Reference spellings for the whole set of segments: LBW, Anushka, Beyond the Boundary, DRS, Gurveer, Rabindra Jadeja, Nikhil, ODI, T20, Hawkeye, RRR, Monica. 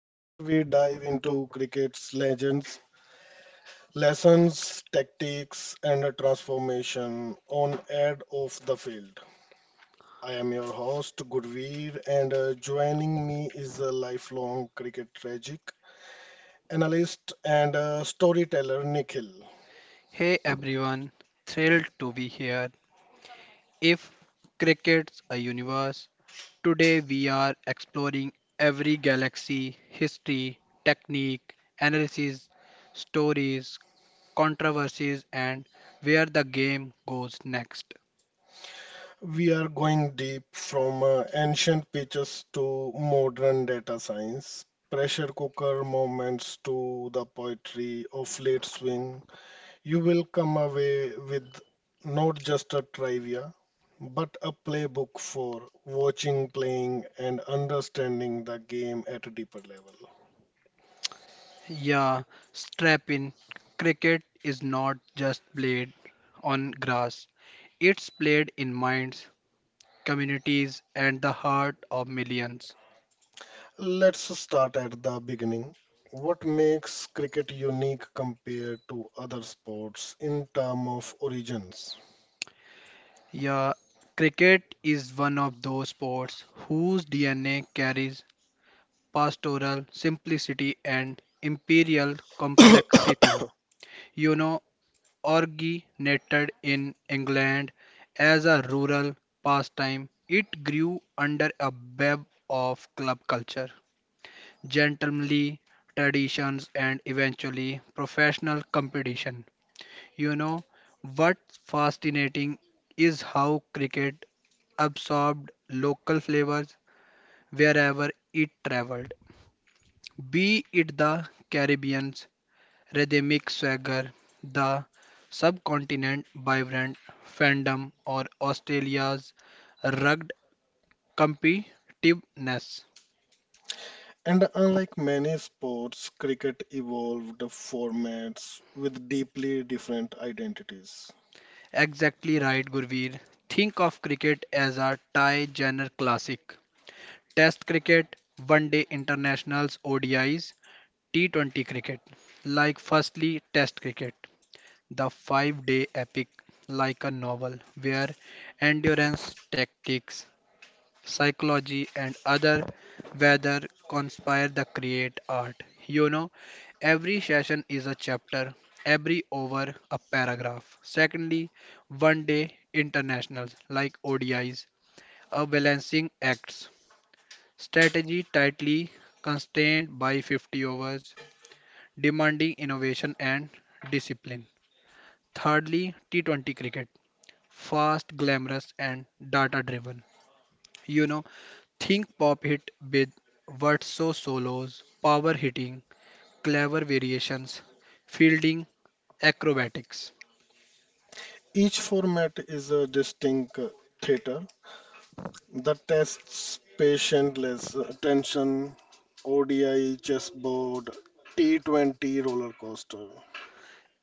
where we dive into cricket's legends, lessons, tactics, and a transformation on and off the field. I am your host, Gurveer, and joining me is a lifelong cricket tragic analyst and storyteller, Nikhil. Hey everyone, thrilled to be here. If cricket's a universe, today we are exploring every galaxy, history, technique, analysis, stories, controversies, and where the game goes next. We are going deep from ancient pitches to modern data science, pressure cooker moments to the poetry of late swing. You will come away with not just a trivia, but a playbook for watching, playing, and understanding the game at a deeper level. Yeah, strap in. Cricket is not just played on grass, it's played in minds, communities, and the heart of millions. Let's start at the beginning. What makes cricket unique compared to other sports in terms of origins? Yeah, cricket is one of those sports whose DNA carries pastoral simplicity and imperial complexity. You know, Originated in England as a rural pastime, it grew under a web of club culture, gentlemanly traditions, and eventually professional competition. You know, what's fascinating is how cricket absorbed local flavors wherever it traveled, be it the Caribbean's rhythmic swagger, the subcontinent's vibrant fandom, or Australia's rugged competitiveness. And unlike many sports, cricket evolved formats with deeply different identities. Exactly right, Gurveer. Think of cricket as a Thai genre classic. Test cricket, one day internationals, ODIs, T20 cricket. Like, firstly, Test cricket. The 5-day epic, like a novel where endurance, tactics, psychology, and other weather conspire to create art. You know, every session is a chapter, every over a paragraph. Secondly, one day internationals like ODIs are balancing acts. Strategy tightly constrained by 50 overs, demanding innovation and discipline. Thirdly, T20 cricket fast, glamorous, and data driven. You know, think pop hit with virtuoso solos, power hitting, clever variations, fielding, acrobatics. Each format is a distinct theater. The tests, patientless, tension, ODI, chessboard, T20 roller coaster.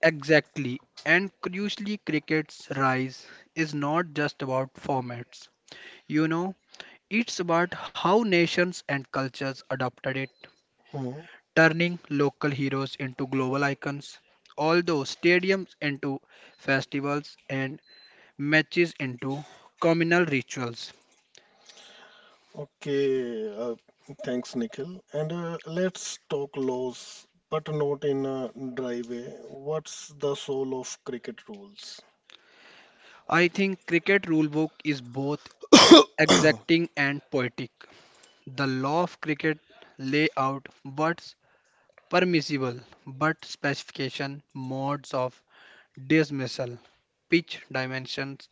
Exactly. And crucially, cricket's rise is not just about formats. You know, it's about how nations and cultures adopted it, Hmm. turning local heroes into global icons. Although stadiums into festivals and matches into communal rituals. Okay. Thanks, Nikhil. And let's talk laws, but not in a dry way. What's the soul of cricket rules? I think cricket rulebook is both exacting and poetic. The law of cricket lay out what's permissible but specification modes of dismissal, pitch dimensions,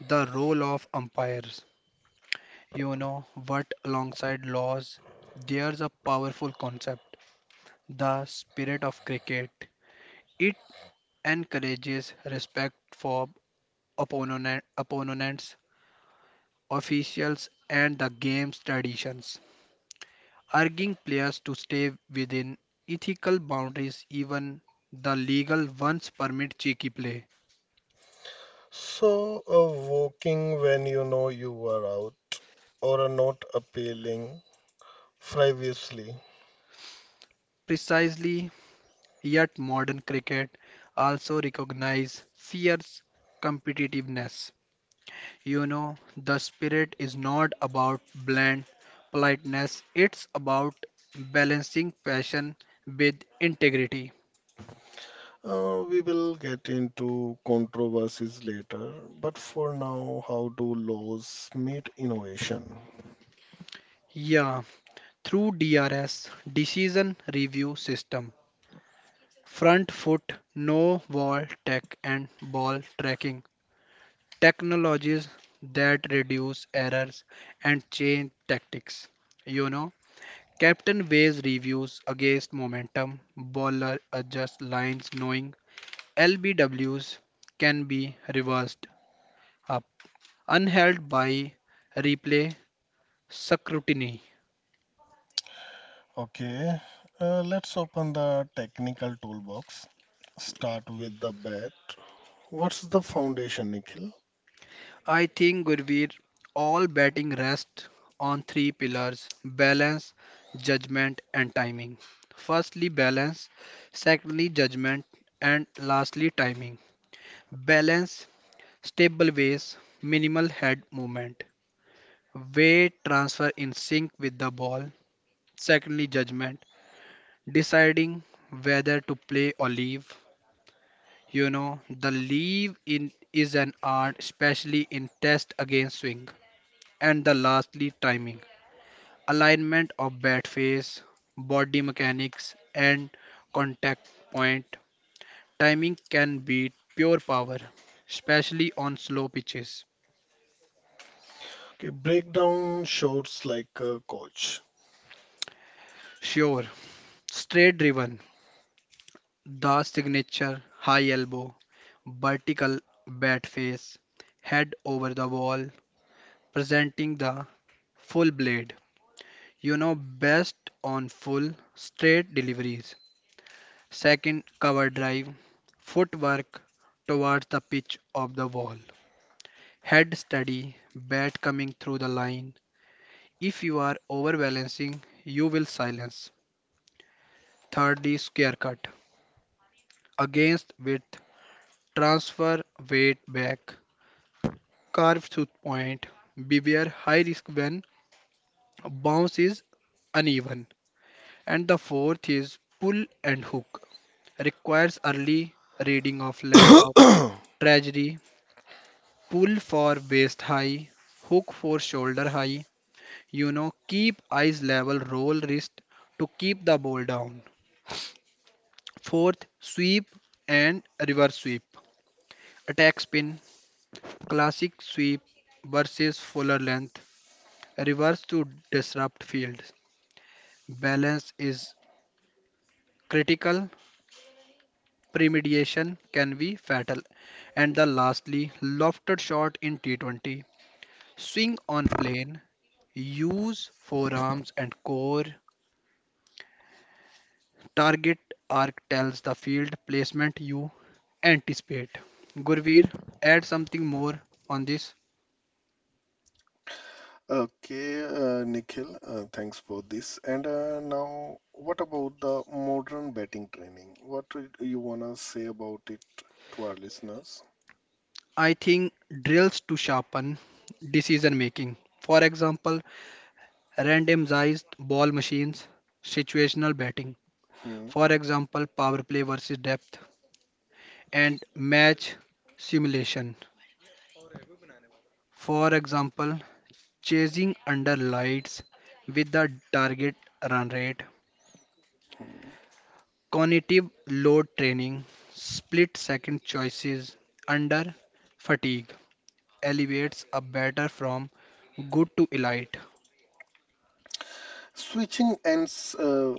the role of umpires. You know what Alongside laws there's a powerful concept, the spirit of cricket. It encourages respect for opponents, officials, and the game's traditions, urging players to stay within ethical boundaries even the legal ones permit cheeky play. So, walking when you know you are out, or are not appealing frivolously. Precisely, yet modern cricket also recognises fierce competitiveness. The spirit is not about bland politeness, it's about balancing passion with integrity. We will get into controversies later, but for now, how do laws meet innovation? Yeah, through DRS decision review system, front foot no wall tech and ball tracking technologies that reduce errors and change tactics. You know, Captain weighs reviews against momentum, bowler adjusts lines knowing LBWs can be reversed up, unheld by replay scrutiny. Okay, let's open the technical toolbox. Start with the bat. What's the foundation, Nikhil? I think, Gurveer, all batting rests on three pillars balance, judgment, and timing. Firstly, balance, secondly, judgment, and lastly, timing. Balance, stable ways, minimal head movement, weight transfer in sync with the ball. Secondly, judgment, deciding whether to play or leave. The leave in is an art, especially in test against swing. And the lastly, timing. Alignment of bat face, body mechanics, and contact point. Timing can beat pure power, especially on slow pitches. Okay, break down shorts like a coach. Sure, straight driven, the signature high elbow, vertical bat face, head over the wall, presenting the full blade. Best on full straight deliveries. Second, cover drive, footwork towards the pitch of the wall, head steady, bat coming through the line. If you are overbalancing, you will silence. Third is square cut, against width, transfer weight back, carve through point, beware high risk when bounce is uneven. And the fourth is pull and hook, requires early reading of length of trajectory. Pull for waist high, hook for shoulder high. Keep eyes level, roll wrist to keep the ball down. Fourth, sweep and reverse sweep. Attack spin, classic sweep versus fuller length, reverse to disrupt fields. Balance is critical, premediation can be fatal. And the lastly, lofted shot in T20. Swing on plane, use forearms and core. Target arc tells the field placement you anticipate. Gurveer, add something more on this. Okay, Nikhil, thanks for this. And now, what about the modern batting training? What do you wanna say about it to our listeners? I think drills to sharpen decision making. For example, randomized ball machines, situational batting. Hmm. For example, power play versus depth, and match simulation. For example, chasing under lights with the target run rate cognitive load training, split second choices under fatigue elevates a batter from good to elite. Switching ends,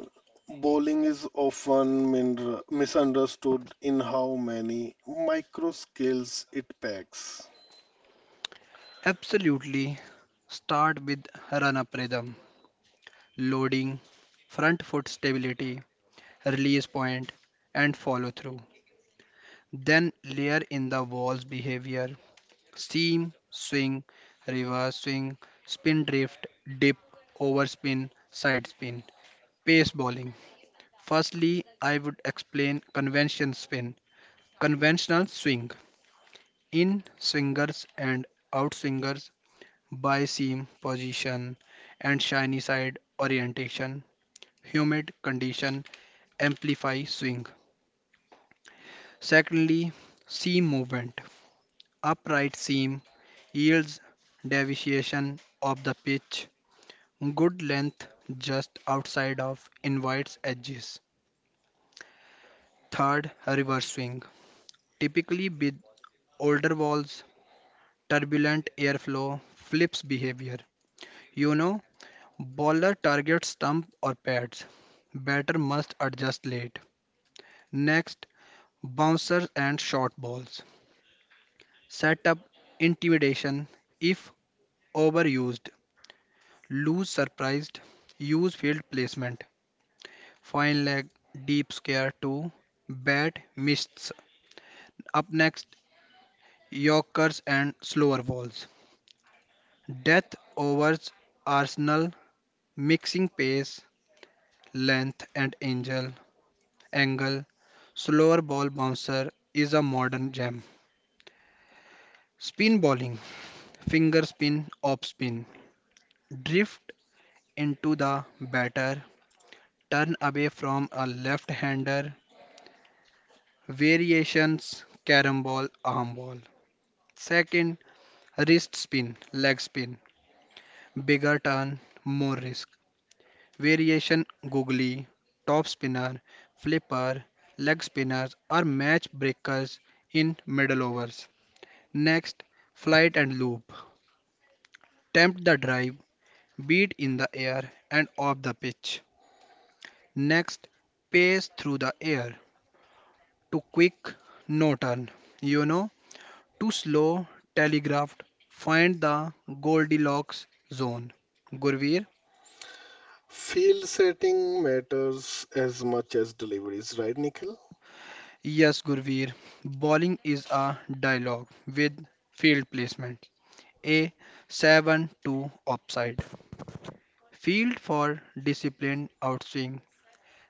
bowling is often misunderstood in how many micro skills it packs. Absolutely start with run up rhythm, loading, front foot stability, release point, and follow through. Then layer in the wall's behavior seam, swing, reverse swing, spin drift, dip, overspin, side spin, pace bowling. Firstly, I would explain convention spin, conventional swing, in swingers and out swingers, by seam position and shiny side orientation, humid condition amplify swing. Secondly, seam movement, upright seam yields deviation of the pitch, good length just outside of invites edges. Third, reverse swing, typically with older balls, turbulent airflow, flips behavior. You know, Baller targets stump or pads. Batter must adjust late. Next, bouncers and short balls. Setup intimidation if overused. Lose surprised. Use field placement. Fine leg, deep scare to bat missed. Up next, Yorkers and slower balls. Death overs Arsenal Mixing pace, length, and angle, slower ball bouncer is a modern gem. Spin bowling, finger spin, off spin, drift into the batter, turn away from a left hander, variations, carom ball, arm ball. Second, wrist spin, leg spin, bigger turn, more risk. Variation googly, top spinner, flipper, leg spinners are match breakers in middle overs. Next, flight and loop. Tempt the drive, beat in the air and off the pitch. Next, pace through the air. Too quick, no turn. You know, Too slow, telegraphed. Find the Goldilocks zone. Gurveer? Field setting matters as much as deliveries, right, Nikhil? Yes, Gurveer. Bowling is a dialogue with field placement. A 7-2 offside. Field for disciplined outswing,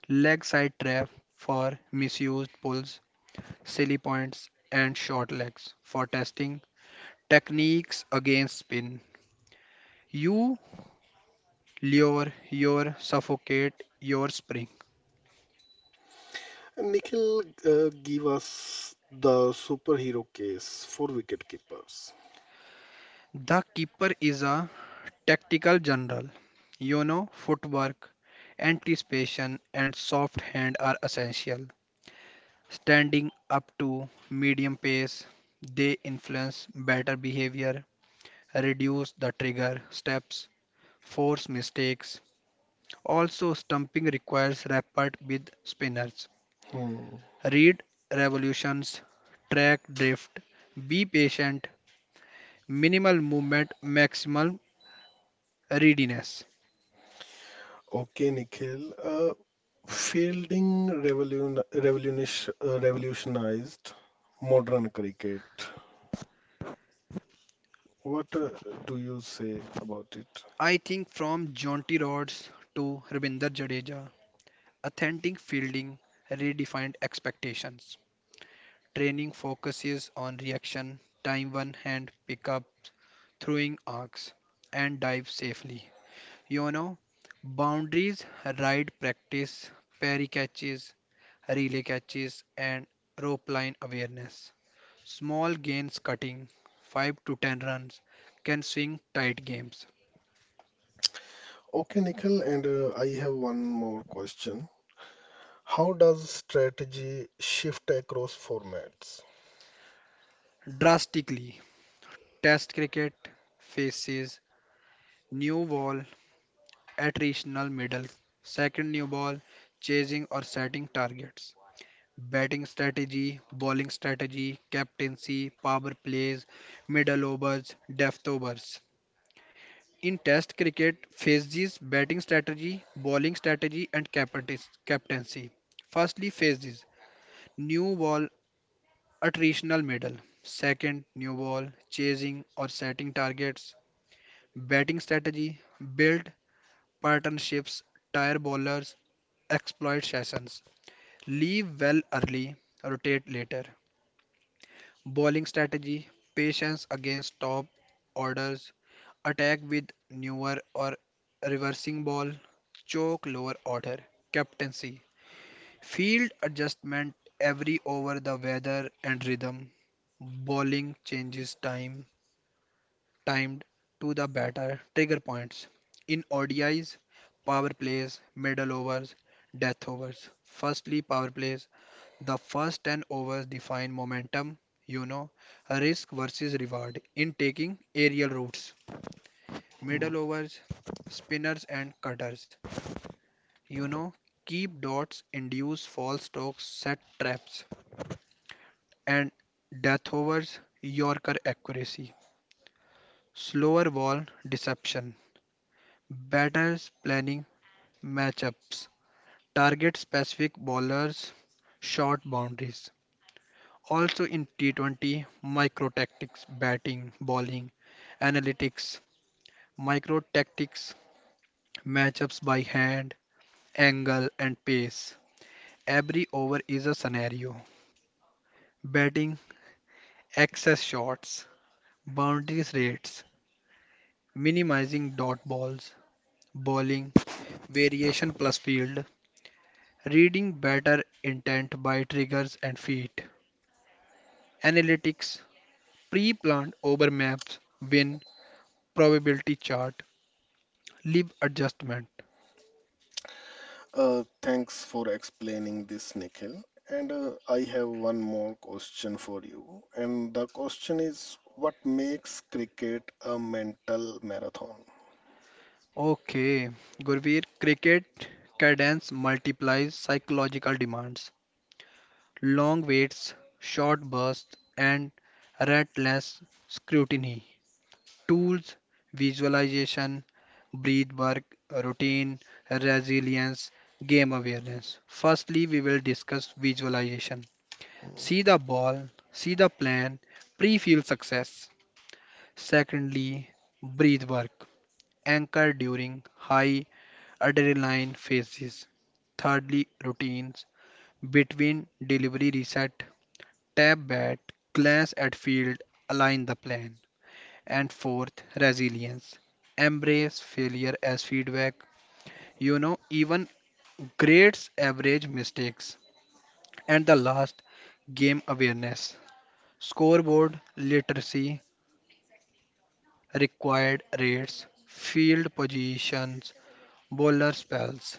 leg side trap for misused pulls, silly points, and short legs for testing techniques against spin. You lure, your suffocate, your spring. Nikhil, give us the superhero case for wicketkeepers. The keeper is a tactical general. Footwork, anticipation, and soft hand are essential. Standing up to medium pace, they influence better behavior, reduce the trigger steps, force mistakes. Also, stumping requires rapport with spinners. Hmm. Read revolutions, track drift, be patient, minimal movement, maximal readiness. Okay, Nikhil. Fielding revolutionized modern cricket. What do you say about it? I think from jaunty Rhodes to Rabindra Jadeja, authentic fielding redefined expectations. Training focuses on reaction, time one hand pickups, throwing arcs, and dive safely. You know, Boundaries, ride practice, parry catches, relay catches, and rope line awareness. Small gains cutting, 5 to 10 runs, can swing tight games Okay, Nikhil, and I have one more question. How does strategy shift across formats? drastically. Test cricket faces new wall attritional middle, second new ball, chasing or setting targets, batting strategy, bowling strategy, captaincy, power plays, middle overs, depth overs. In Test cricket, phases batting strategy, bowling strategy, and captaincy. Firstly, phases new ball, attritional middle, second new ball, chasing or setting targets, batting strategy, build pattern shifts, tire bowlers, exploit sessions. Leave well early, rotate later. Bowling strategy, patience against top orders, attack with newer or reversing ball, choke lower order. Captaincy, field adjustment every over the weather and rhythm. Bowling changes timed to the batter trigger points. In ODIs, power plays, middle overs, death overs. Firstly, power plays. The first 10 overs define momentum, you know, risk versus reward in taking aerial routes. Hmm. Middle overs, spinners and cutters, you know, keep dots, induce false strokes, set traps, and death overs, Yorker accuracy. Slower ball deception. Batters planning Matchups target specific bowlers, short boundaries. Also in T20, micro tactics, batting, bowling, analytics, micro tactics, matchups by hand, angle, and pace. Every over is a scenario. Batting, excess shots, boundaries rates, minimizing dot balls, bowling, variation plus field, reading batter intent by triggers and feet, analytics pre-planned over maps win probability chart leave adjustment. Thanks for explaining this, Nikhil. And I have one more question for you. And the question is, what makes cricket a mental marathon? Okay Gurveer, cricket cadence multiplies psychological demands, long waits, short bursts, and relentless scrutiny. Tools: visualization, breath work, routine, resilience, game awareness. Firstly, we will discuss visualization. Hmm. See the ball, see the plan, pre-field success. Secondly, breath work, anchor during high adrenaline phases. Thirdly, routines between delivery reset, tap bat, glance at field, align the plan. And fourth, resilience, embrace failure as feedback. Even grades average mistakes. And the last, game awareness, scoreboard literacy, required rates, field positions Bowler spells.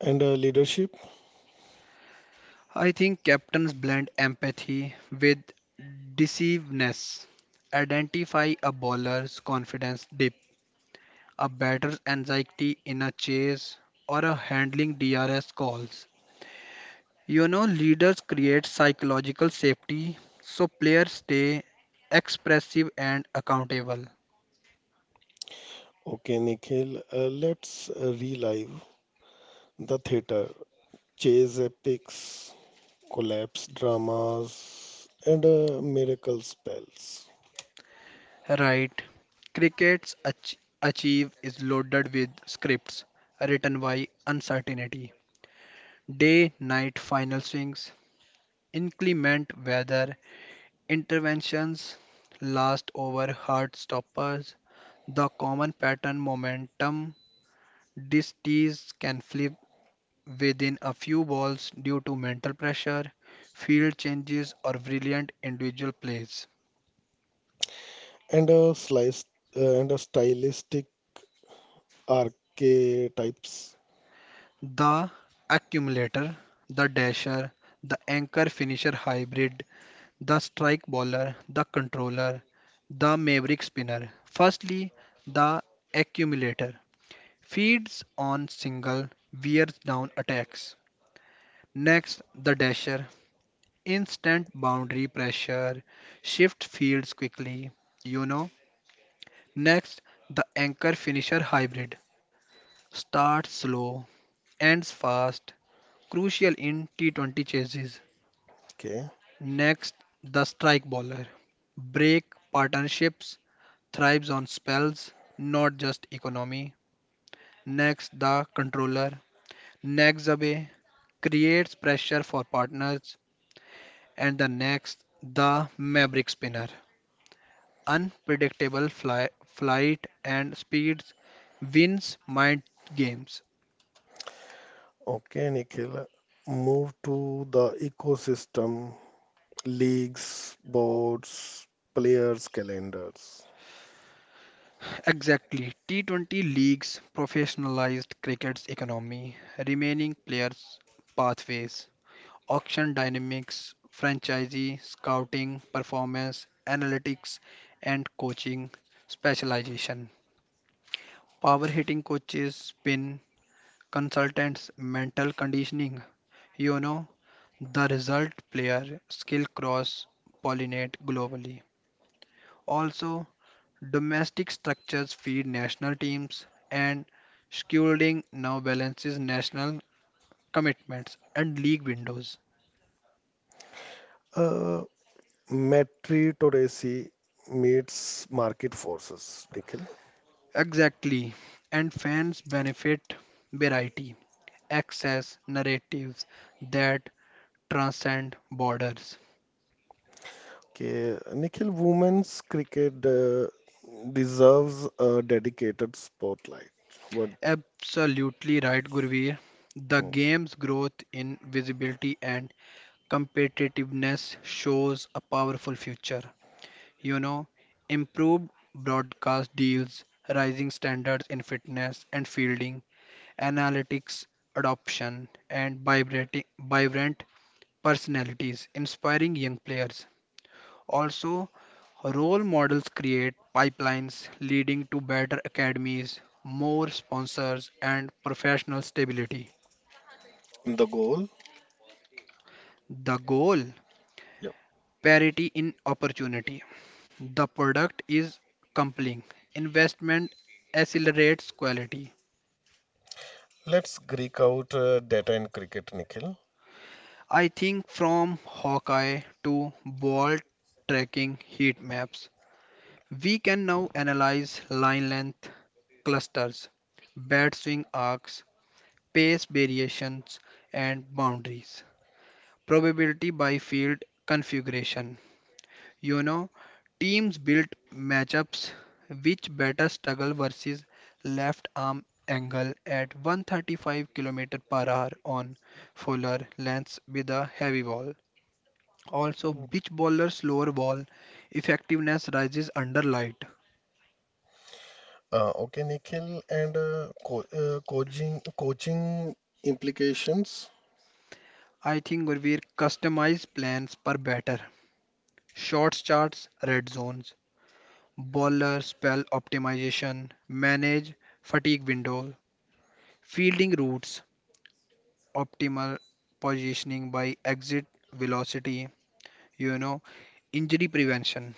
And leadership? I think captains blend empathy with deceiveness. Identify a bowler's confidence dip, a batter's anxiety in a chase, or a handling DRS calls. Leaders create psychological safety so players stay expressive and accountable. Okay, Nikhil, let's relive the theater, chase epics, collapse dramas, and miracle spells, Right. Cricket's achieve is loaded with scripts written by uncertainty. Day night final swings, inclement weather, interventions, last over hard stoppers, the common pattern momentum. These tees can flip within a few balls due to mental pressure, field changes, or brilliant individual plays. and a slice, and a stylistic archetypes. The accumulator, the dasher, the anchor finisher hybrid, the strike bowler, the controller, the maverick spinner. Firstly, the accumulator feeds on single, wears down attacks. Next, the dasher, instant boundary pressure, shift fields quickly, you know. Next, the anchor finisher hybrid, starts slow, ends fast, crucial in T20 chases. Okay, Next, the strike bowler break partnerships thrives on spells, not just economy. Next, the controller. Next, Zabe creates pressure for partners. And the next, the Maverick Spinner. Unpredictable flight and speeds wins mind games. okay, Nikhil. Move to the ecosystem, leagues, boards, players, calendars. Exactly. T20 leagues professionalized cricket's economy, remaining players' pathways. Auction dynamics, franchisee scouting, performance analytics, and coaching specialization. Power hitting coaches, spin consultants, mental conditioning. You know, the result player skill cross pollinate globally. Also, domestic structures feed national teams, and scheduling now balances national commitments and league windows. Uh, Meritocracy meets market forces, Nikhil. Exactly. And fans benefit variety, access, narratives that transcend borders. Okay, Nikhil, women's cricket deserves a dedicated spotlight. What? Absolutely right, Gurveer. The Hmm, game's growth in visibility and competitiveness shows a powerful future. You know, Improved broadcast deals, rising standards in fitness and fielding, analytics adoption, and vibrant personalities, inspiring young players. Also, role models create pipelines leading to better academies, more sponsors, and professional stability. the goal? The goal Yep. parity in opportunity. The product is compelling. Investment accelerates quality. Let's Greek out, data in cricket, Nikhil. I think from Hawkeye to ball tracking heat maps, we can now analyze line length, clusters, bat swing arcs, pace variations, and boundaries. Probability by field configuration. You know, Teams built matchups which batter struggle versus left arm angle at 135 km per hour on fuller lengths with a heavy ball. Also, which bowler's slower ball effectiveness rises under light? Okay, Nikhil, and co coaching coaching implications. I think Gurveer customized plans per batter, shots charts, red zones, bowler spell optimization, manage fatigue window, fielding routes, optimal positioning by exit velocity, you know, injury prevention,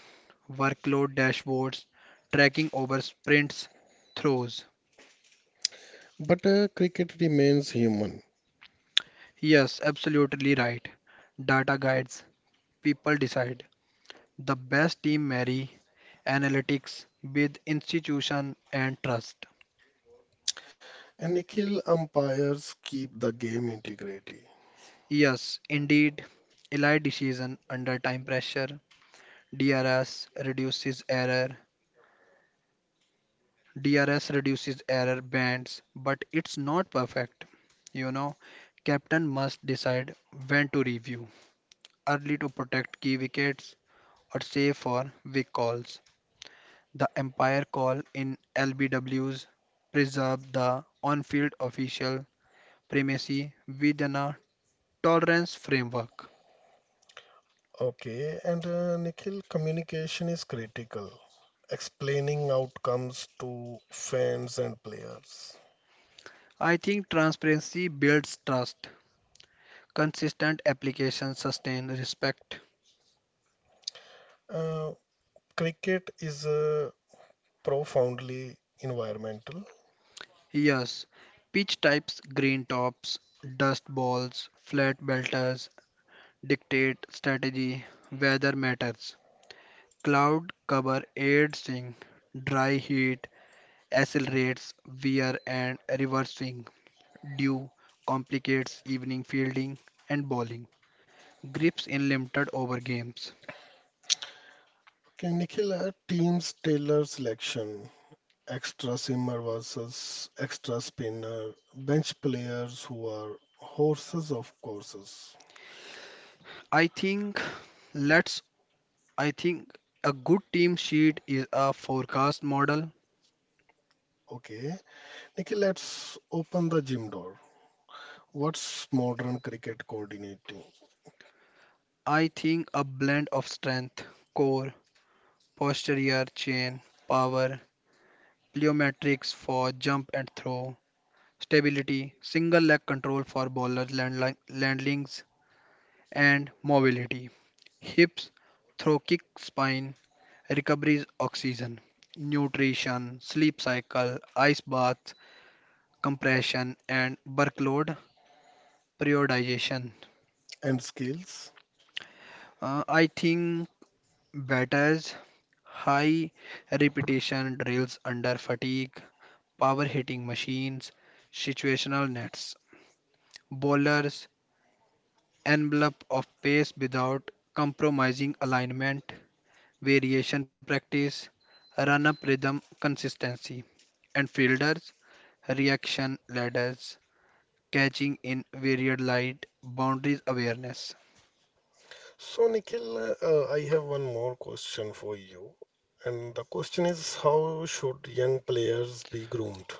workload dashboards, tracking over sprints, throws. But cricket remains human, Yes, absolutely right. Data guides, people decide. The best team marry analytics with institution and trust. and Nikhil, umpires keep the game integrity. Yes, indeed, elite decision under time pressure, DRS reduces error. DRS reduces error bands, but it's not perfect. You know, Captain must decide when to review, early to protect key wickets or save for weak calls. The umpire call in LBWs preserve the on-field official primacy within a tolerance framework. Okay, and Nikhil, communication is critical. Explaining outcomes to fans and players. I think transparency builds trust. Consistent application sustains respect. Uh, Cricket is profoundly environmental. Yes, peach types, green tops, dust balls, flat belters dictate strategy, weather matters. Cloud cover aids swing, dry heat accelerates wear and reverse swing. Dew complicates evening fielding and bowling. Grips in limited over games. Okay, Nikhil, teams tailor selection, extra seamer versus extra spinner, bench players who are horses of courses. I think let's I think a good team sheet is a forecast model. Okay, Nikhil, let's open the gym door. What's modern cricket coordinating I think a blend of strength, core, posterior chain, power, plyometrics for jump and throw, stability, single leg control for bowlers landings, and mobility. Hips, throw kick spine, recoveries oxygen, nutrition, sleep cycle, ice bath, compression, and workload periodization. and skills? I think batters high repetition drills under fatigue power hitting machines, situational nets, bowlers, envelope of pace without compromising alignment, variation practice, run up rhythm consistency, and fielders, reaction ladders, catching in varied light, boundaries awareness. So, Nikhil, I have one more question for you. And the question is, how should young players be groomed?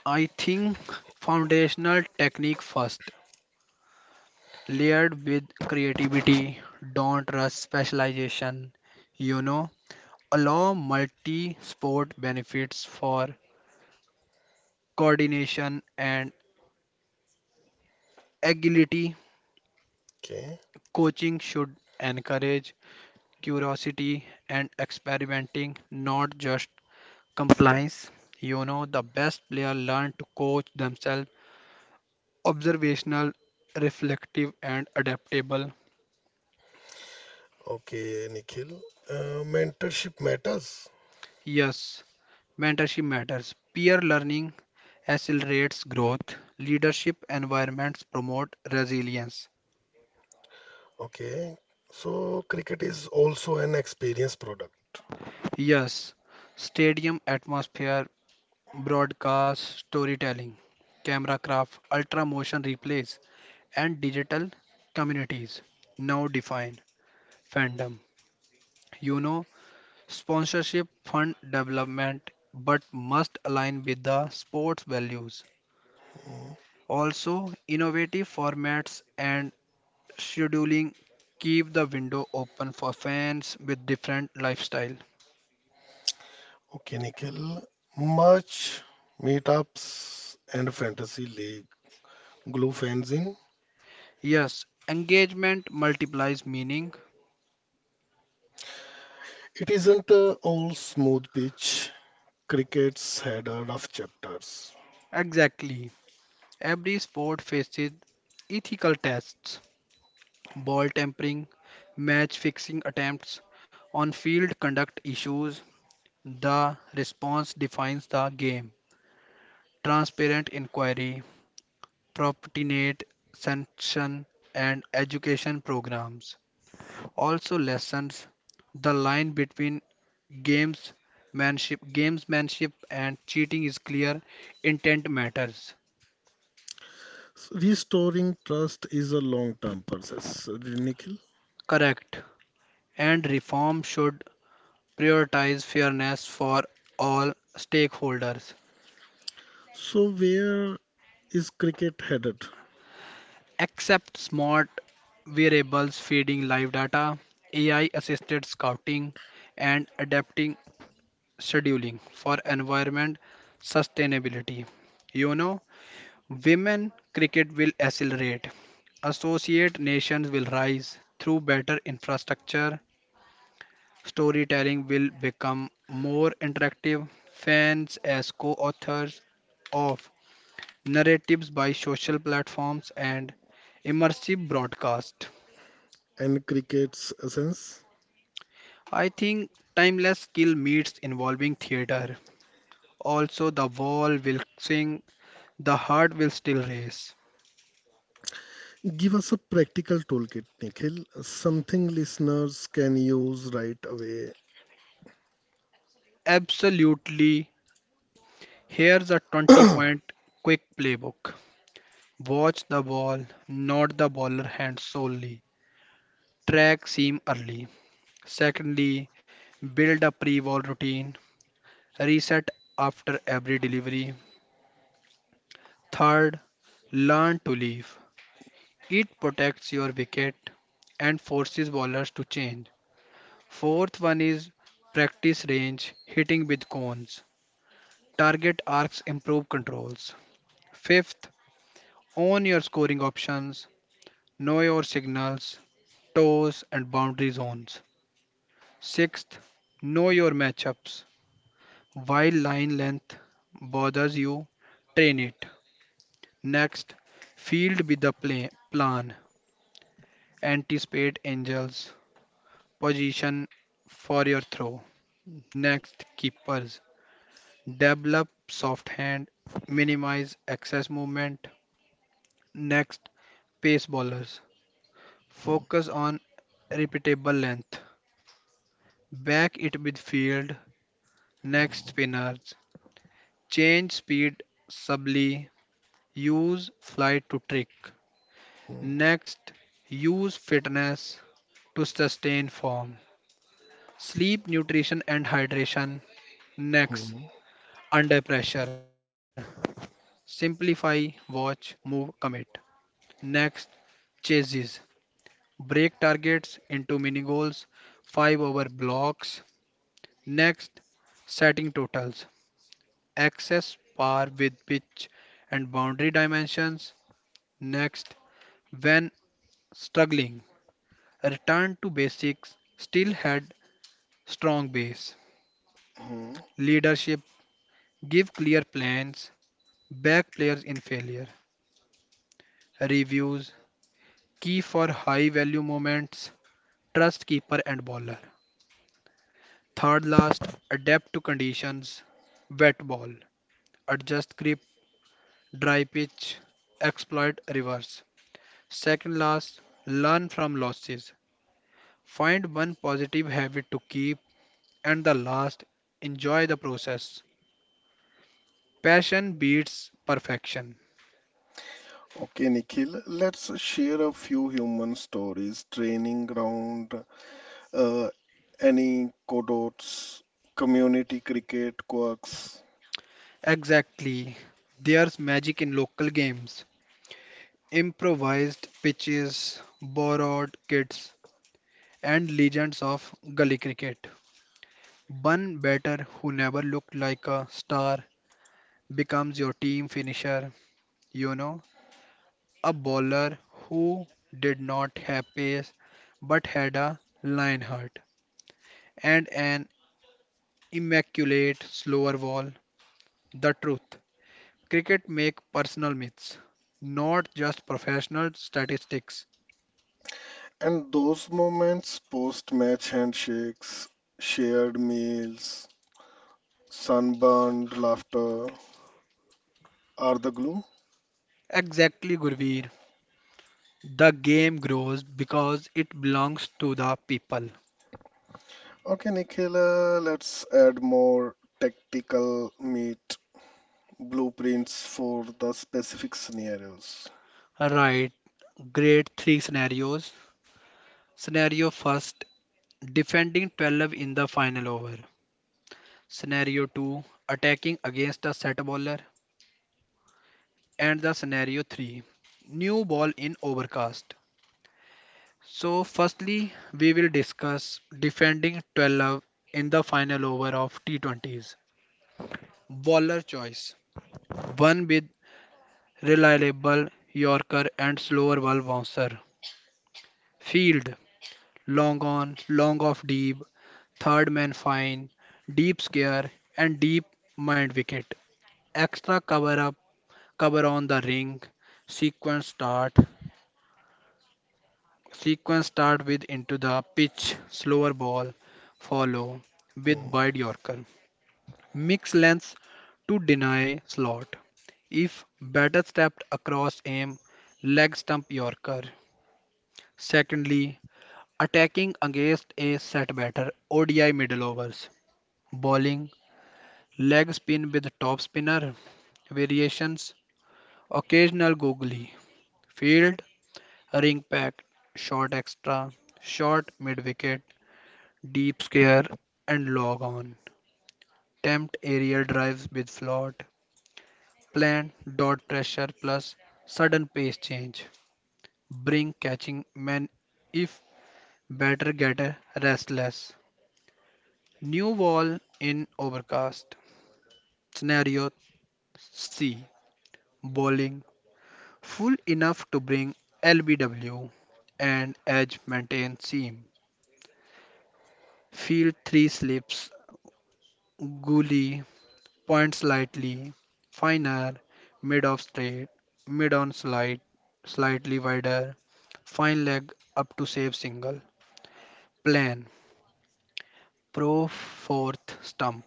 I think foundational technique first, layered with creativity, don't rush specialization. You know, Allow multi-sport benefits for coordination and agility. Okay, Coaching should encourage curiosity and experimenting, not just compliance. The best player learn to coach themselves, observational, reflective, and adaptable. okay, Nikhil. Mentorship matters. Yes, mentorship matters. Peer learning accelerates growth. Leadership environments promote resilience. Okay, so cricket is also an experience product. Yes, stadium atmosphere, broadcast storytelling, camera craft, ultra motion replays, and digital communities now define fandom. You know, Sponsorship fund development, but must align with the sports values. Mm. Also, innovative formats and scheduling keep the window open for fans with different lifestyle. Okay, Nikhil. Much meetups and fantasy league glue fans in. Yes, engagement multiplies meaning. It isn't all smooth pitch. Cricket's had a rough chapters. Exactly. Every sport faces ethical tests, ball tampering, match fixing attempts, on field conduct issues. The response defines the game. Transparent inquiry, proportionate sanction, and education programs also lessens the line between gamesmanship and cheating is clear. Intent matters. Restoring trust is a long-term process, Nikhil. Correct. And reform should prioritize fairness for all stakeholders. So where is cricket headed Accept smart variables feeding live data, AI assisted scouting, and adapting scheduling for environment sustainability. You know, Women cricket will accelerate. Associate nations will rise through better infrastructure. Storytelling will become more interactive. Fans, as co authors of narratives by social platforms, and immersive broadcast. and cricket's essence? I think timeless skill meets involving theater. Also, the wall will sing, the heart will still race. Give us a practical toolkit, Nikhil, something listeners can use right away. Absolutely, here's a 20 point quick playbook. Watch the ball, not the baller hand solely. Track seam early. Secondly, build a pre ball routine. Reset after every delivery. Third, learn to leave. It protects your wicket and forces bowlers to change. Fourth one is practice range hitting with cones. Target arcs improve controls. Fifth, own your scoring options, know your signals, toes and boundary zones. Sixth, know your matchups. While line length bothers you, train it. Next, field with the play, plan. Anticipate angels. Position for your throw. Next, keepers. Develop soft hand, minimize excess movement. Next, pace bowlers. Focus on repeatable length. Back it with field. Next, spinners. Change speed subtly. Use flight to trick. Hmm, Next, use fitness to sustain form. Sleep, nutrition, and hydration. Next, hmm, under pressure. Simplify, watch, move, commit. Next, chases. Break targets into mini goals, 5 over blocks. Next, setting totals. Access par with pitch and boundary dimensions. Next, when struggling, return to basics, still had strong base. hmm. Leadership, give clear plans, back players in failure. Reviews, key for high value moments, trust keeper and bowler. Third last, adapt to conditions, wet ball, adjust grip, dry pitch, exploit reverse. Second last, learn from losses. Find one positive habit to keep and the last, enjoy the process. Passion beats perfection. Okay, Nikhil, let's share a few human stories, training ground, uh, any codots, community cricket quirks. Exactly. There's magic in local games. Improvised pitches, borrowed kits, and legends of gully cricket. One batter who never looked like a star becomes your team finisher, you know, a bowler who did not have pace but had a line heart and an immaculate slower ball. The truth. Cricket make personal myths, not just professional statistics. And those moments, post-match handshakes, shared meals, sunburned laughter, are the glue. Exactly, Gurveer. The game grows because it belongs to the people. Okay, Nikhil, let's add more tactical meat blueprints for the specific scenarios. Right, grade 3 scenarios. Scenario first: defending 12 in the final over. Scenario 2 attacking against a set bowler. And the scenario 3 new ball in overcast. So, firstly, we will discuss defending 12 in the final over of T20s. Bowler choice one with reliable Yorker and slower ball bouncer. Field Long On, Long Off Deep, Third Man Fine, Deep Scare, and Deep Mind Wicket. Extra cover up, cover on the ring, sequence start. Sequence start with into the pitch, slower ball, follow with Mm. wide Yorker. Mix lengths to deny slot. If batter stepped across aim, leg stump Yorker. Secondly, attacking against a set batter, ODI middle overs. Bowling, leg spin with top spinner, variations, occasional googly, field, ring pack, short extra, short mid wicket, deep scare, and log on. Tempt aerial drives with float, plan dot pressure plus sudden pace change, bring catching man if batter get restless. New wall in overcast. Scenario C bowling full enough to bring LBW and edge maintain seam. Field 3 slips, gully, point slightly, finer, mid off straight, mid on slide, slightly wider, fine leg up to save single, plan, pro fourth stump,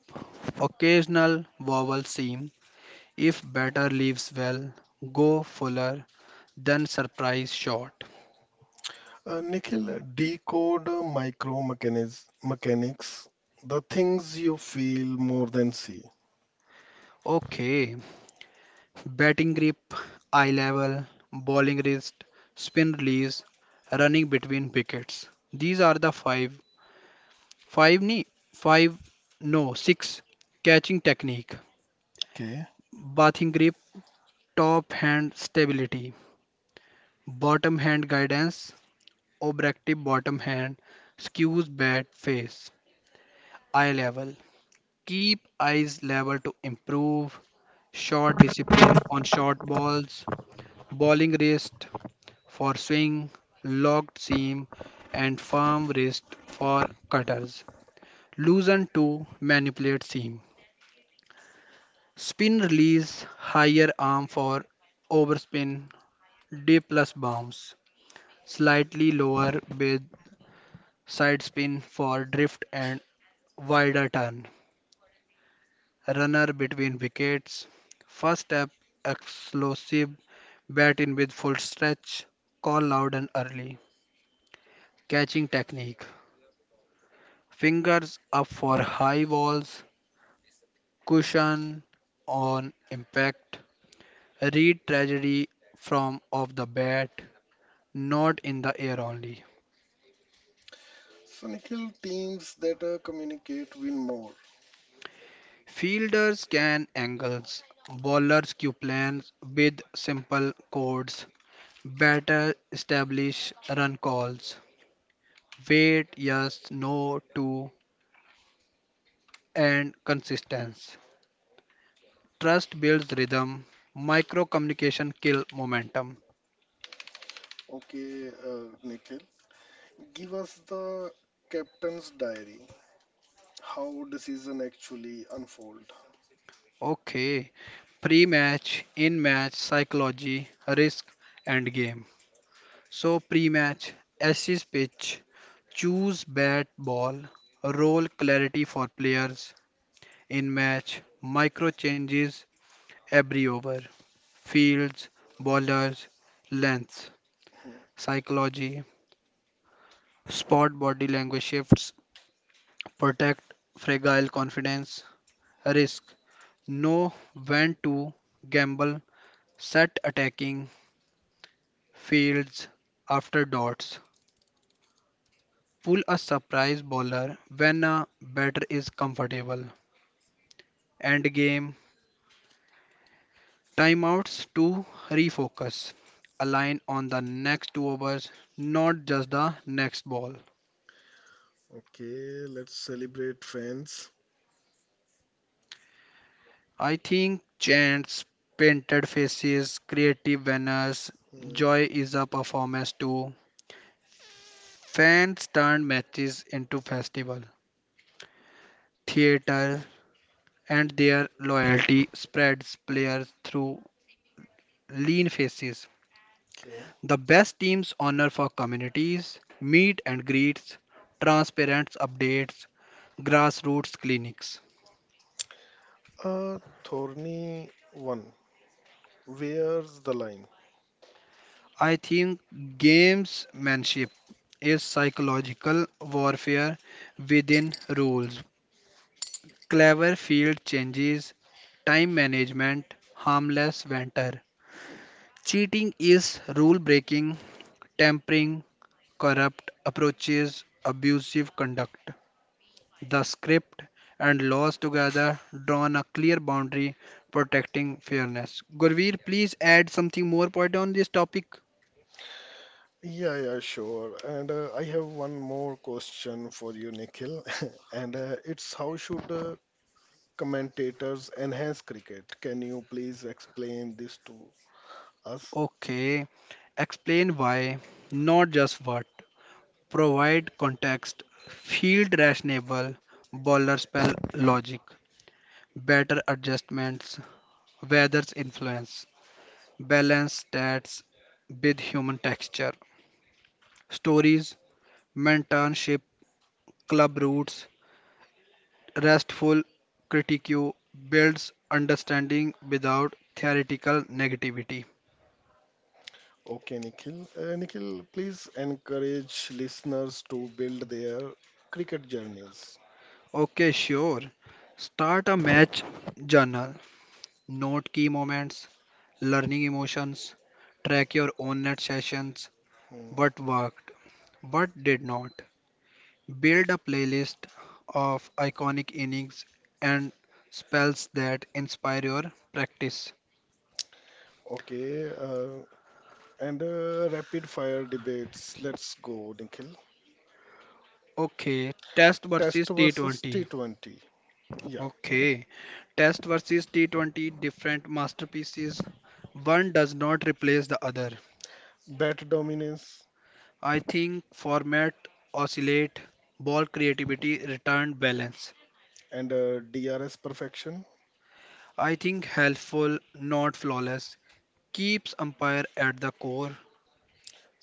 occasional vowel seam. If batter leaves well, go fuller, then surprise shot. Nikhil, decode the things you feel more than see. Okay, batting grip, eye level, bowling wrist, spin release, running between wickets. These are the five. Five knee, five, no, six. Catching technique, Okay. bathing grip, top hand stability, bottom hand guidance, obstructive bottom hand, skews bat face, eye level. Keep eyes level to improve, short discipline on short balls, bowling wrist, for swing, locked seam, and firm wrist for cutters. Loosen to manipulate seam. Spin release higher arm for overspin, D plus bounce. Slightly lower with side spin for drift and wider turn. Runner between wickets. First step explosive. Bat in with full stretch. Call loud and early. Catching technique. Fingers up for high walls, cushion on impact. Read tragedy from off the bat, not in the air only. So, Nikhil, teams that communicate win more. Fielders can angles, bowlers cue plans with simple codes. Batter establish run calls. Wait, yes, no, to, and consistency. Trust builds rhythm. Micro communication kill momentum. Okay, Nikhil. Give us the captain's diary. How decision actually unfold. Okay, pre-match, in-match psychology, risk and game. So pre-match, assist pitch, choose bat ball, role clarity for players. In-match, micro changes every over. Fields, bowlers, length, Hmm. psychology, spot body language shifts, protect fragile confidence, risk, know when to gamble, set attacking fields after dots. Pull a surprise bowler when a batter is comfortable. End game timeouts to refocus. Align on the next two overs, not just the next ball. Okay, let's celebrate fans. I think chants, painted faces, creative banners, Hmm. joy is a performance too. Fans turn matches into festival, theater, and their loyalty spreads players through lean faces. Okay. The best teams honor for communities, meet and greets, transparent updates, grassroots clinics. Uh, Thorny one. Where's the line? I think gamesmanship is psychological warfare within rules. Clever field changes, time management, harmless banter. Cheating is rule breaking, tampering, corrupt approaches, abusive conduct. The script and laws together drawn a clear boundary protecting fairness. Gurveer, please add something more point on this topic. Yeah, Sure. And I have one more question for you, Nikhil. And it's, how should commentators enhance cricket? Can you please explain this to us? Okay, explain why, not just what. Provide context, field rationale, bowler spell logic, better adjustments, weather's influence, balance stats with human texture, stories, mentorship, club routes, restful critique builds understanding without theoretical negativity. Okay, Nikhil. Nikhil, please encourage listeners to build their cricket journeys. Okay, sure. Start a match journal. Note key moments, learning emotions. Track your own net sessions. Hmm. What worked, what did not. Build a playlist of iconic innings and spells that inspire your practice. Okay, and rapid fire debates. Let's go, Nikhil. Okay, Test versus Test versus T20. T20. Yeah, Okay. Test versus T20 different masterpieces. One does not replace the other. bat dominance I think format oscillate, ball creativity, return balance. and DRS perfection. I think helpful, not flawless. Keeps umpire at the core,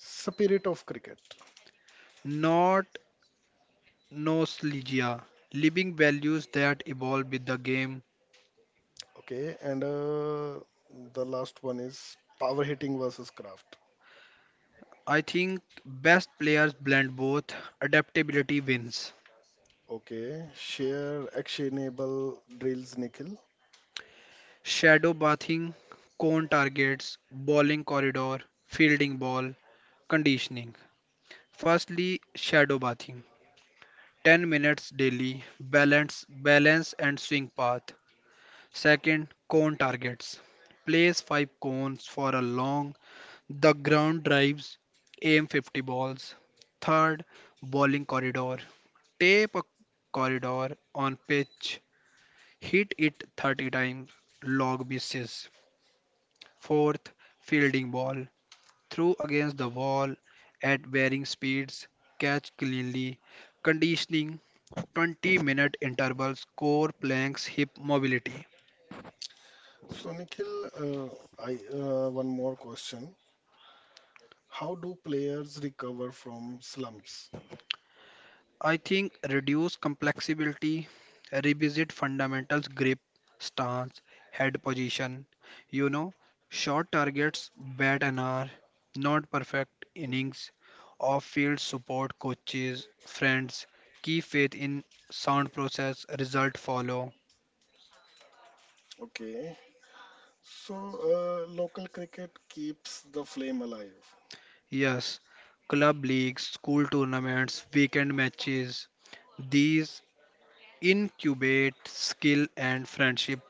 Spirit of cricket. not nostalgia. Living values that evolve with the game. Okay, and the last one is power hitting versus craft. I think best players blend both. Adaptability wins. Okay, share actionable drills, Nikhil. Shadow bathing, cone targets, bowling corridor, fielding ball, conditioning. Firstly, shadow bathing. 10 minutes daily, balance and swing path. Second, cone targets. Place 5 cones for a long, the ground drives, aim 50 balls. Third, bowling corridor. Tape a corridor on pitch, hit it 30 times, log bases. Fourth, fielding ball. Throw against the wall at varying speeds. Catch cleanly. Conditioning, 20-minute intervals. Core planks. Hip mobility. So, Nikhil, I, one more question. How do players recover from slumps? I think reduce complexity, revisit fundamentals, grip, stance, head position. You know, short targets, bat an hour, not perfect innings, off field support, coaches, friends, key faith in sound process, result follow. Okay. So, local cricket keeps the flame alive. Yes, club leagues, school tournaments, weekend matches. These incubate skill and friendship.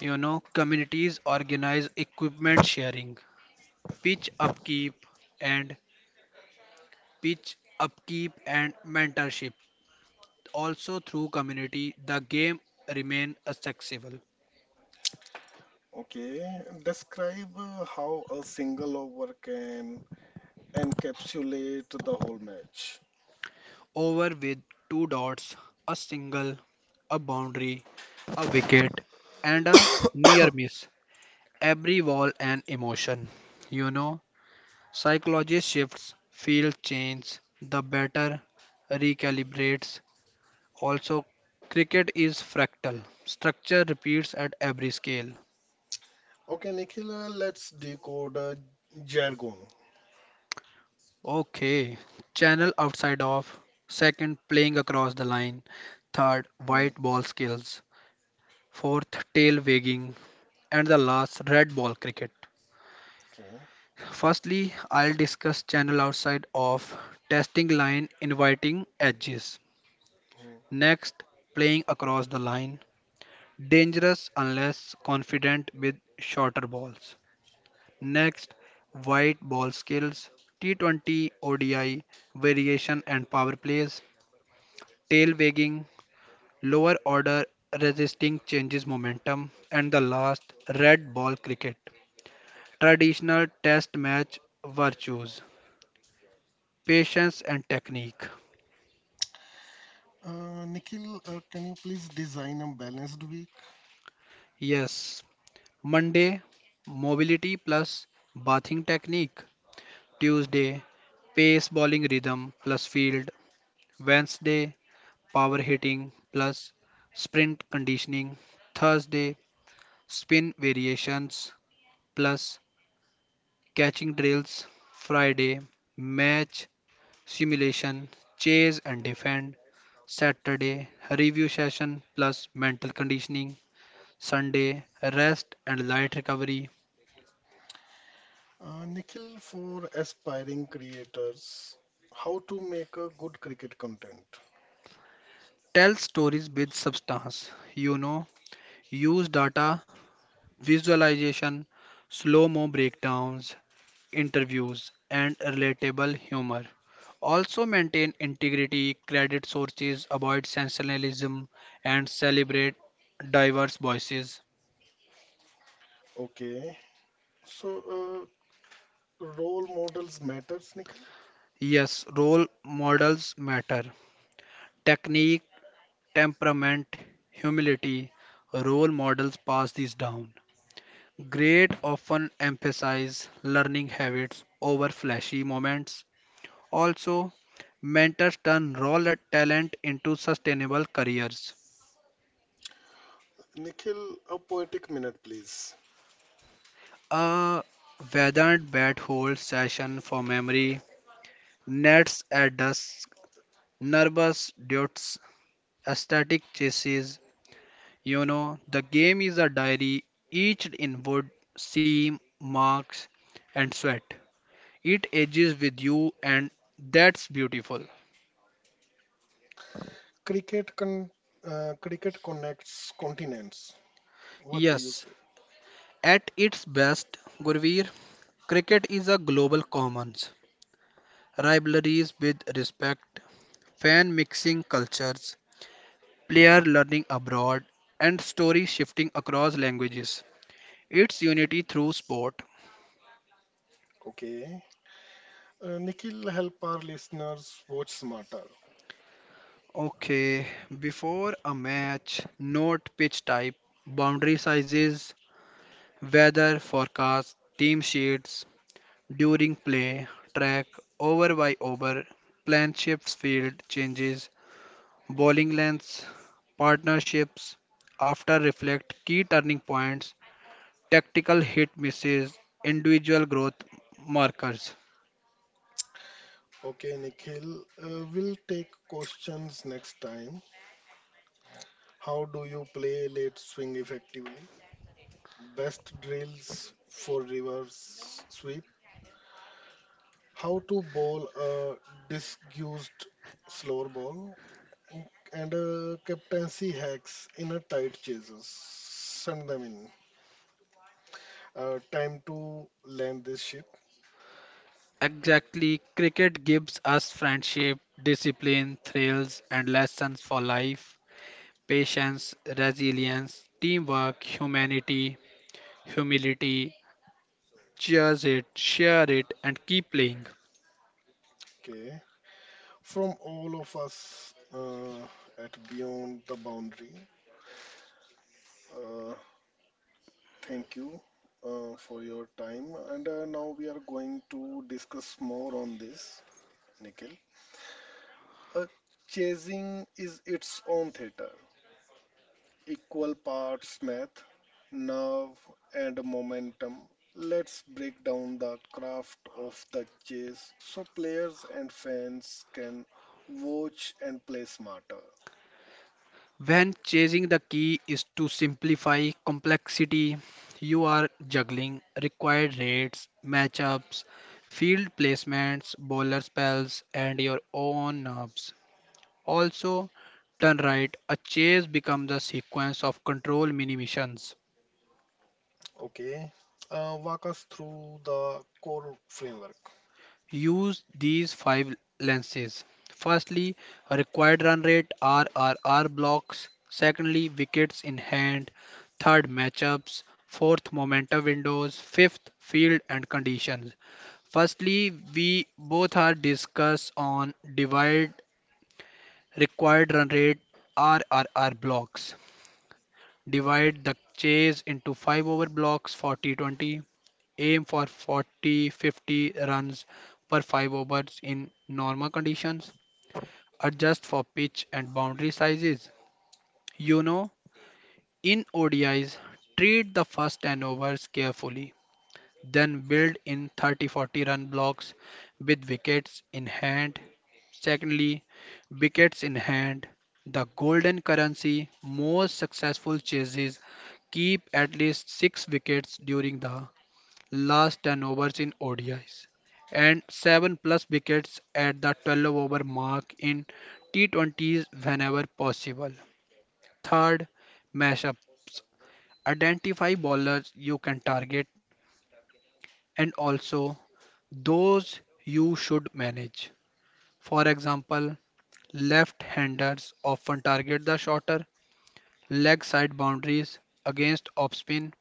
You know, communities organize equipment sharing, pitch upkeep and pitch upkeep and mentorship. Also through community, the game remain accessible. Okay. Describe how a single over can encapsulate the whole match. Over with two dots, a single, a boundary, a wicket, and a near miss. Every wall an emotion. You know, psychology shifts, field change, the batter recalibrates. Also, cricket is fractal. Structure repeats at every scale. Okay, Nikhil, let's decode jargon. Okay. Channel outside of. Second, playing across the line. Third, Hmm. white ball skills. Fourth, tail wagging. And the last, red ball cricket. Okay. Firstly, I'll discuss channel outside of testing line inviting edges. Next, playing across the line. Dangerous unless confident with shorter balls. Next, white ball skills, T20 ODI, variation and power plays, tail wagging, lower order resisting changes momentum, and the last, red ball cricket. Traditional test match virtues, patience and technique. Nikhil, can you please design a balanced week? Yes, Monday, mobility plus bathing technique. Tuesday, pace bowling rhythm plus field. Wednesday, power hitting plus sprint conditioning. Thursday, spin variations plus catching drills. Friday, match simulation, chase and defend. Saturday, review session plus mental conditioning. Sunday, rest and light recovery. Nikhil, for aspiring creators, how to make a good cricket content. Tell stories with substance, you know, use data visualization, slow mo breakdowns, interviews, and relatable humor. Also maintain integrity, credit sources, avoid sensationalism, and celebrate diverse voices. Okay, so uh, role models matters, Nikhil. Yes, role models matter. Technique, temperament, humility, role models pass these down. Grade often emphasize learning habits over flashy moments. Also, mentors turn raw talent into sustainable careers. Nikhil, a poetic minute, please. A Vedant bat hold session for memory, nets at dusk, nervous dudes, aesthetic chases. You know, the game is a diary, etched in wood, seam, marks, and sweat. It ages with you, and that's beautiful. Cricket con Cricket connects continents. What do you Yes, say? at its best, Gurveer, cricket is a global commons. Rivalries with respect, fan mixing cultures, player learning abroad, and stories shifting across languages. It's unity through sport. Okay, Nikhil, help our listeners watch smarter. Okay, before a match, note pitch type, boundary sizes, weather forecast, team sheets. During play, track over by over, plan shifts, field changes, bowling lengths, partnerships. After, reflect, key turning points, tactical hit misses, individual growth markers. Okay, Nikhil, we'll take questions next time. How do you play late swing effectively? Best drills for reverse sweep. How to bowl a disguised slower ball. And captaincy hacks in a tight chases. Send them in. Time to land this ship. Exactly, cricket gives us friendship, discipline, thrills, and lessons for life, patience, resilience, teamwork, humanity, humility. Cheers it, share it, and keep playing. Okay. From all of us, at Beyond the Boundary, uh, thank you for your time. And now we are going to discuss more on this, Nikhil. Uh, Chasing is its own theater, equal parts math, nerve, and momentum. Let's break down the craft of the chase so players and fans can watch and play smarter. When chasing, the key is to simplify complexity. You are juggling required rates, matchups, field placements, bowler spells, and your own nerves. Also, done right, a chase becomes a sequence of control mini missions. Okay, walk us through the core framework. Use these five lenses. Firstly, a required run rate RRR blocks. Secondly, wickets in hand. Third, matchups. Fourth, momentum windows. Fifth, field and conditions. Firstly, we both are discussed on divide required run rate RRR blocks. Divide the chase into 5 over blocks, 40 20, aim for 40 50 runs per 5 overs in normal conditions, adjust for pitch and boundary sizes. You know, in odis treat the first 10 overs carefully, then build in 30 40 run blocks with wickets in hand. Secondly, wickets in hand, the golden currency. Most successful chases keep at least 6 wickets during the last 10 overs in ODIs and 7 plus wickets at the 12 over mark in T20s whenever possible. Third, mashups. Identify bowlers you can target and also those you should manage. For example, left-handers often target the shorter leg side boundaries against off spin.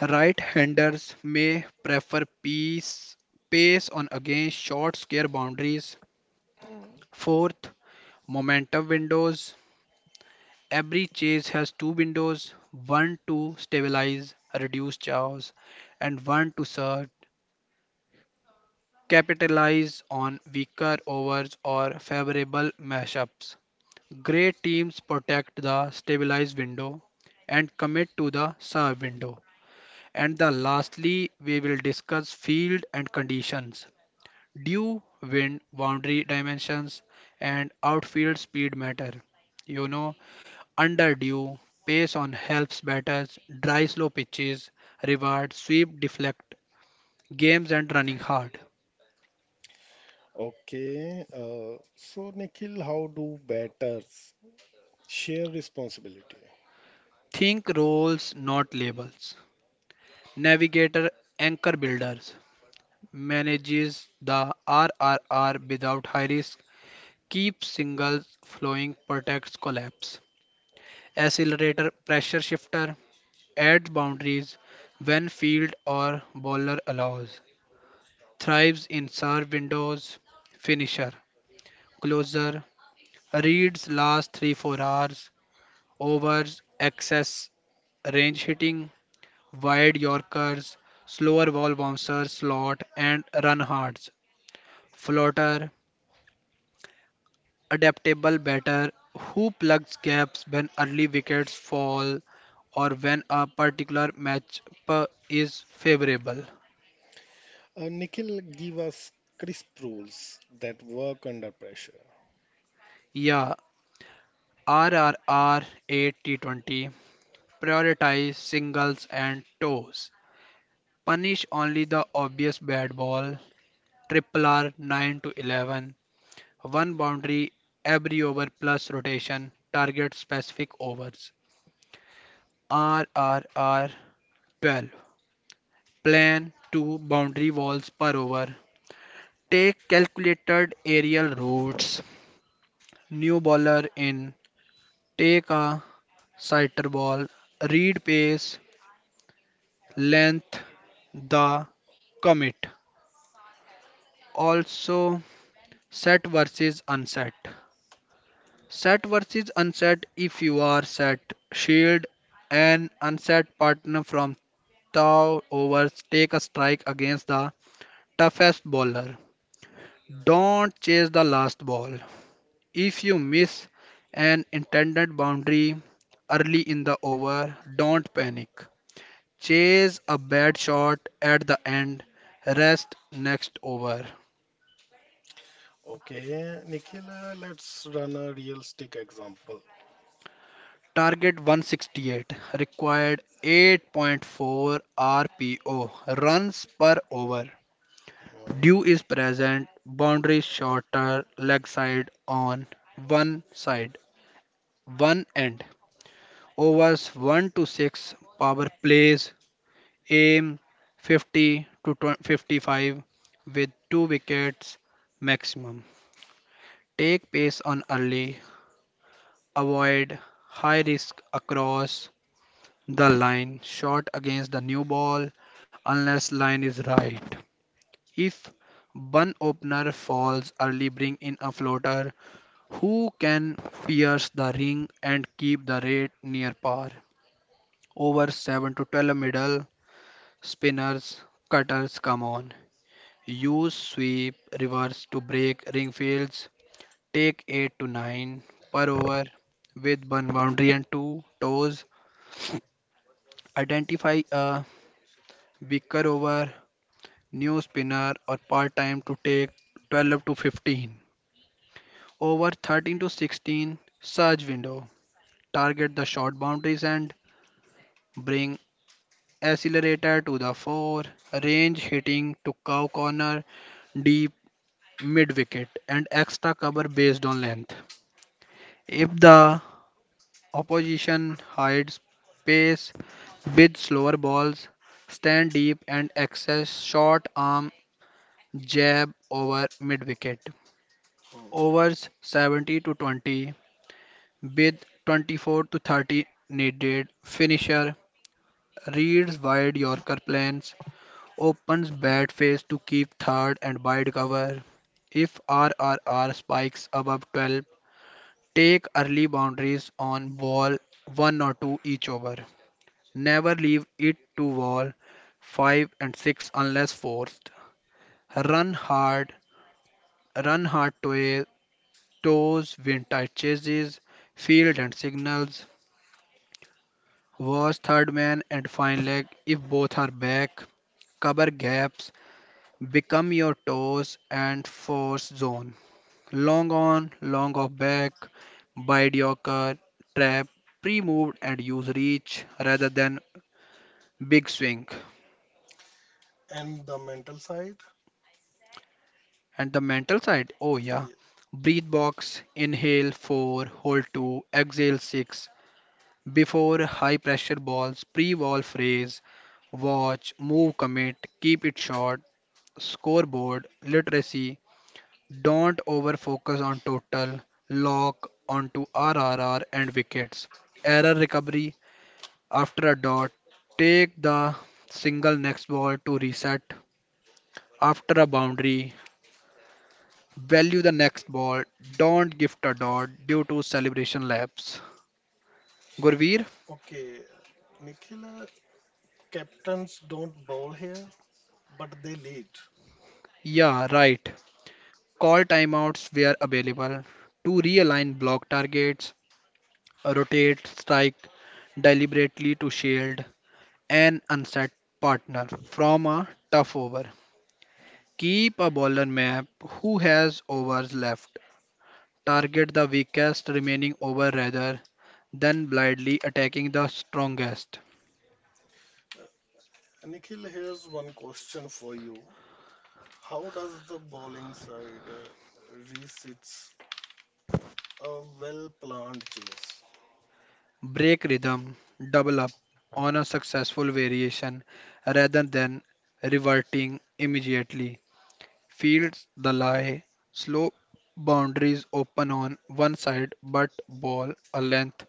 Right-handers may prefer piece, pace on against short square boundaries. Mhm. Fourth, momentum windows. Every chase has two windows, one to stabilize, reduce chaos, and one to surge, capitalize on weaker overs or favorable mashups. Grey teams protect the stabilized window and commit to the serve window. And the lastly, we will discuss field and conditions. Dew, wind, boundary dimensions, and outfield speed matter. You know, under dew, pace on helps batters, dry slow pitches, reward, sweep, deflect, games and running hard. Okay, so Nikhil, how do batters share responsibility? Think roles, not labels. Navigator, anchor builders, manages the RRR without high risk, keeps singles flowing, protects collapse. Accelerator pressure shifter adds boundaries when field or bowler allows, thrives in serve windows. Finisher, closer, reads last 3 4 hours, overs, excess range hitting, wide Yorkers, slower ball bouncers, slot and run hards. Floater, adaptable batter who plugs gaps when early wickets fall or when a particular matchup is favorable. Nikhil, give us crisp rules that work under pressure. Yeah, RRR. 8 T20 prioritize singles and toes. Punish only the obvious bad ball. Triple R 9 to 11, one boundary every over plus rotation, target specific overs. RRR. 12, plan two boundary walls per over. Take calculated aerial routes. New bowler in. Take a sighter ball. Read pace, length, the commit. Also, set versus unset. If you are set, shield an unset partner from thou overs. Take a strike against the toughest bowler. Don't chase the last ball. If you miss an intended boundary early in the over, don't panic. Chase a bad shot at the end, rest next over. Okay, Nikhil, let's run a realistic example. Target 168 required 8.4 RPO runs per over. Hmm, Dew is present, boundary shorter, leg side on one side, one end. Overs 1 to 6 power plays, aim 50 to 20 55 with two wickets maximum. Take pace on early, avoid high risk across the line, shot against the new ball unless line is right. If one opener falls early, bring in a floater who can pierce the ring and keep the rate near par. Over 7 to 12 middle spinners, cutters come on. Use sweep reverse to break ring fields. Take 8 to 9 per over with one boundary and two toes. Identify a weaker over, new spinner or part time to take 12 to 15. Over 13 to 16 surge window. Target the short boundaries and bring accelerator to the 4. Range hitting to cow corner, deep mid wicket and extra cover based on length. If the opposition hides pace with slower balls, stand deep and access short arm jab over mid wicket. hmm. Overs 70 to 20 with 24 to 30 needed. Finisher reads wide Yorker plans, opens bat face to keep third and wide cover. If RRR spikes above 12, take early boundaries on wall 1 or 2 each over. Never leave it to wall 5 and 6 unless forced. Run hard, run hard to toes, win tight chases, field and signals. Watch third man and fine leg if both are back. Cover gaps, become your toes and force zone. Long on, long off back, bide your car, trap, pre-moved and use reach rather than big swing. And the mental side? And the mental side, oh yeah. Yes. Breathe box, inhale 4, hold 2, exhale 6. Before high pressure balls, pre wall phrase, watch, move, commit, keep it short. Scoreboard, literacy. Don't over focus on total, lock onto RRR and wickets. Error recovery after a dot, take the single next ball to reset. After a boundary, value the next ball. Don't gift a dot due to celebration lapse. Gurveer? Okay, Nikhil, captains don't bowl here, but they lead. Yeah, right. Call timeouts where available to realign block targets, rotate, strike deliberately to shield an unset partner from a tough over. Keep a bowler map who has overs left. Target the weakest remaining over rather than blindly attacking the strongest. Nikhil, here's one question for you. How does the bowling side reach its a well-planned chase? Break rhythm, double up on a successful variation rather than reverting immediately. Fields the lie, slow boundaries open on one side but ball a length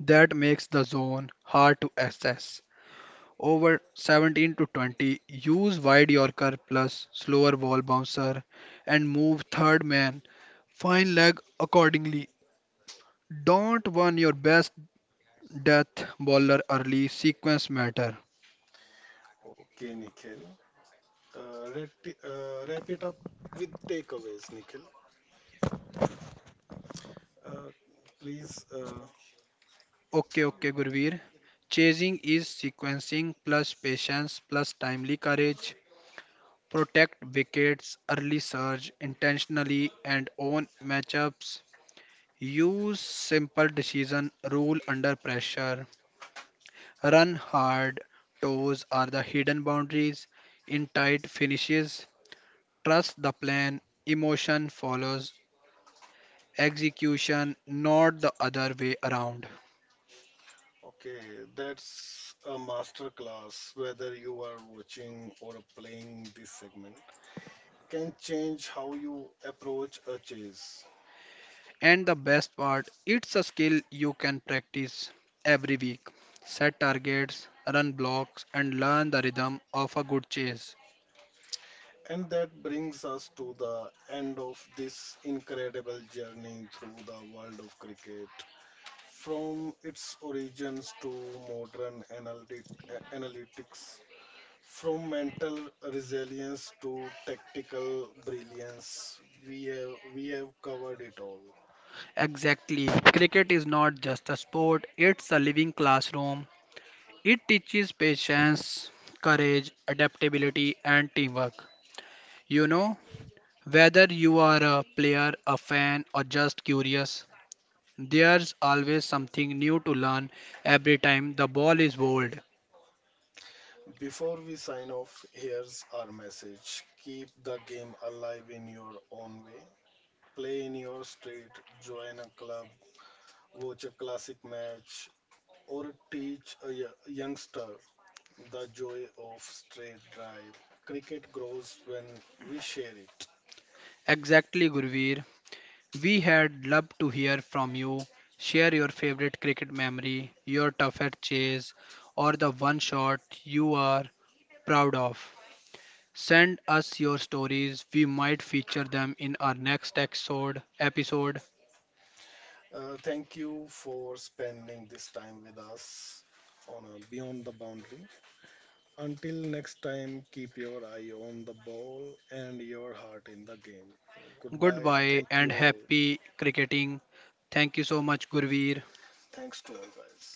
that makes the zone hard to access. Over 17 to 20, use wide Yorker plus slower ball bouncer and move third man. Fine leg accordingly. Don't run your best death bowler early, sequence matter. Okay, Nikhil. Wrap it up with takeaways, Nikhil. Uh, please. Okay, okay, Gurveer. Chasing is sequencing plus patience plus timely courage. Protect wickets, early surge intentionally and own matchups. Use simple decision rule under pressure. Run hard, toes are the hidden boundaries. In tight finishes, trust the plan, emotion follows execution, not the other way around. Okay, that's a master class. Whether you are watching or playing this segment, can change how you approach a chase. And the best part, it's a skill you can practice every week. Set targets, run blocks, and learn the rhythm of a good chase. And that brings us to the end of this incredible journey through the world of cricket. From its origins to modern analytic, analytics. From mental resilience to tactical brilliance, we have covered it all. Exactly. Cricket is not just a sport, it's a living classroom. It teaches patience, courage, adaptability, and teamwork. You know, whether you are a player, a fan, or just curious, there's always something new to learn every time the ball is bowled. Before we sign off, here's our message. Keep the game alive in your own way. Play in your street, join a club, watch a classic match, or teach a youngster the joy of straight drive. Cricket grows when we share it. Exactly, Gurveer. We had loved to hear from you. Share your favorite cricket memory, your toughest chase, or the one shot you are proud of. Send us your stories. We might feature them in our next episode. Thank you for spending this time with us on a Beyond the Boundary. Until next time, keep your eye on the ball and your heart in the game. Goodbye. Thank Goodbye you and all. happy cricketing. Thank you so Yeah. much, Gurveer. Thanks to all, guys.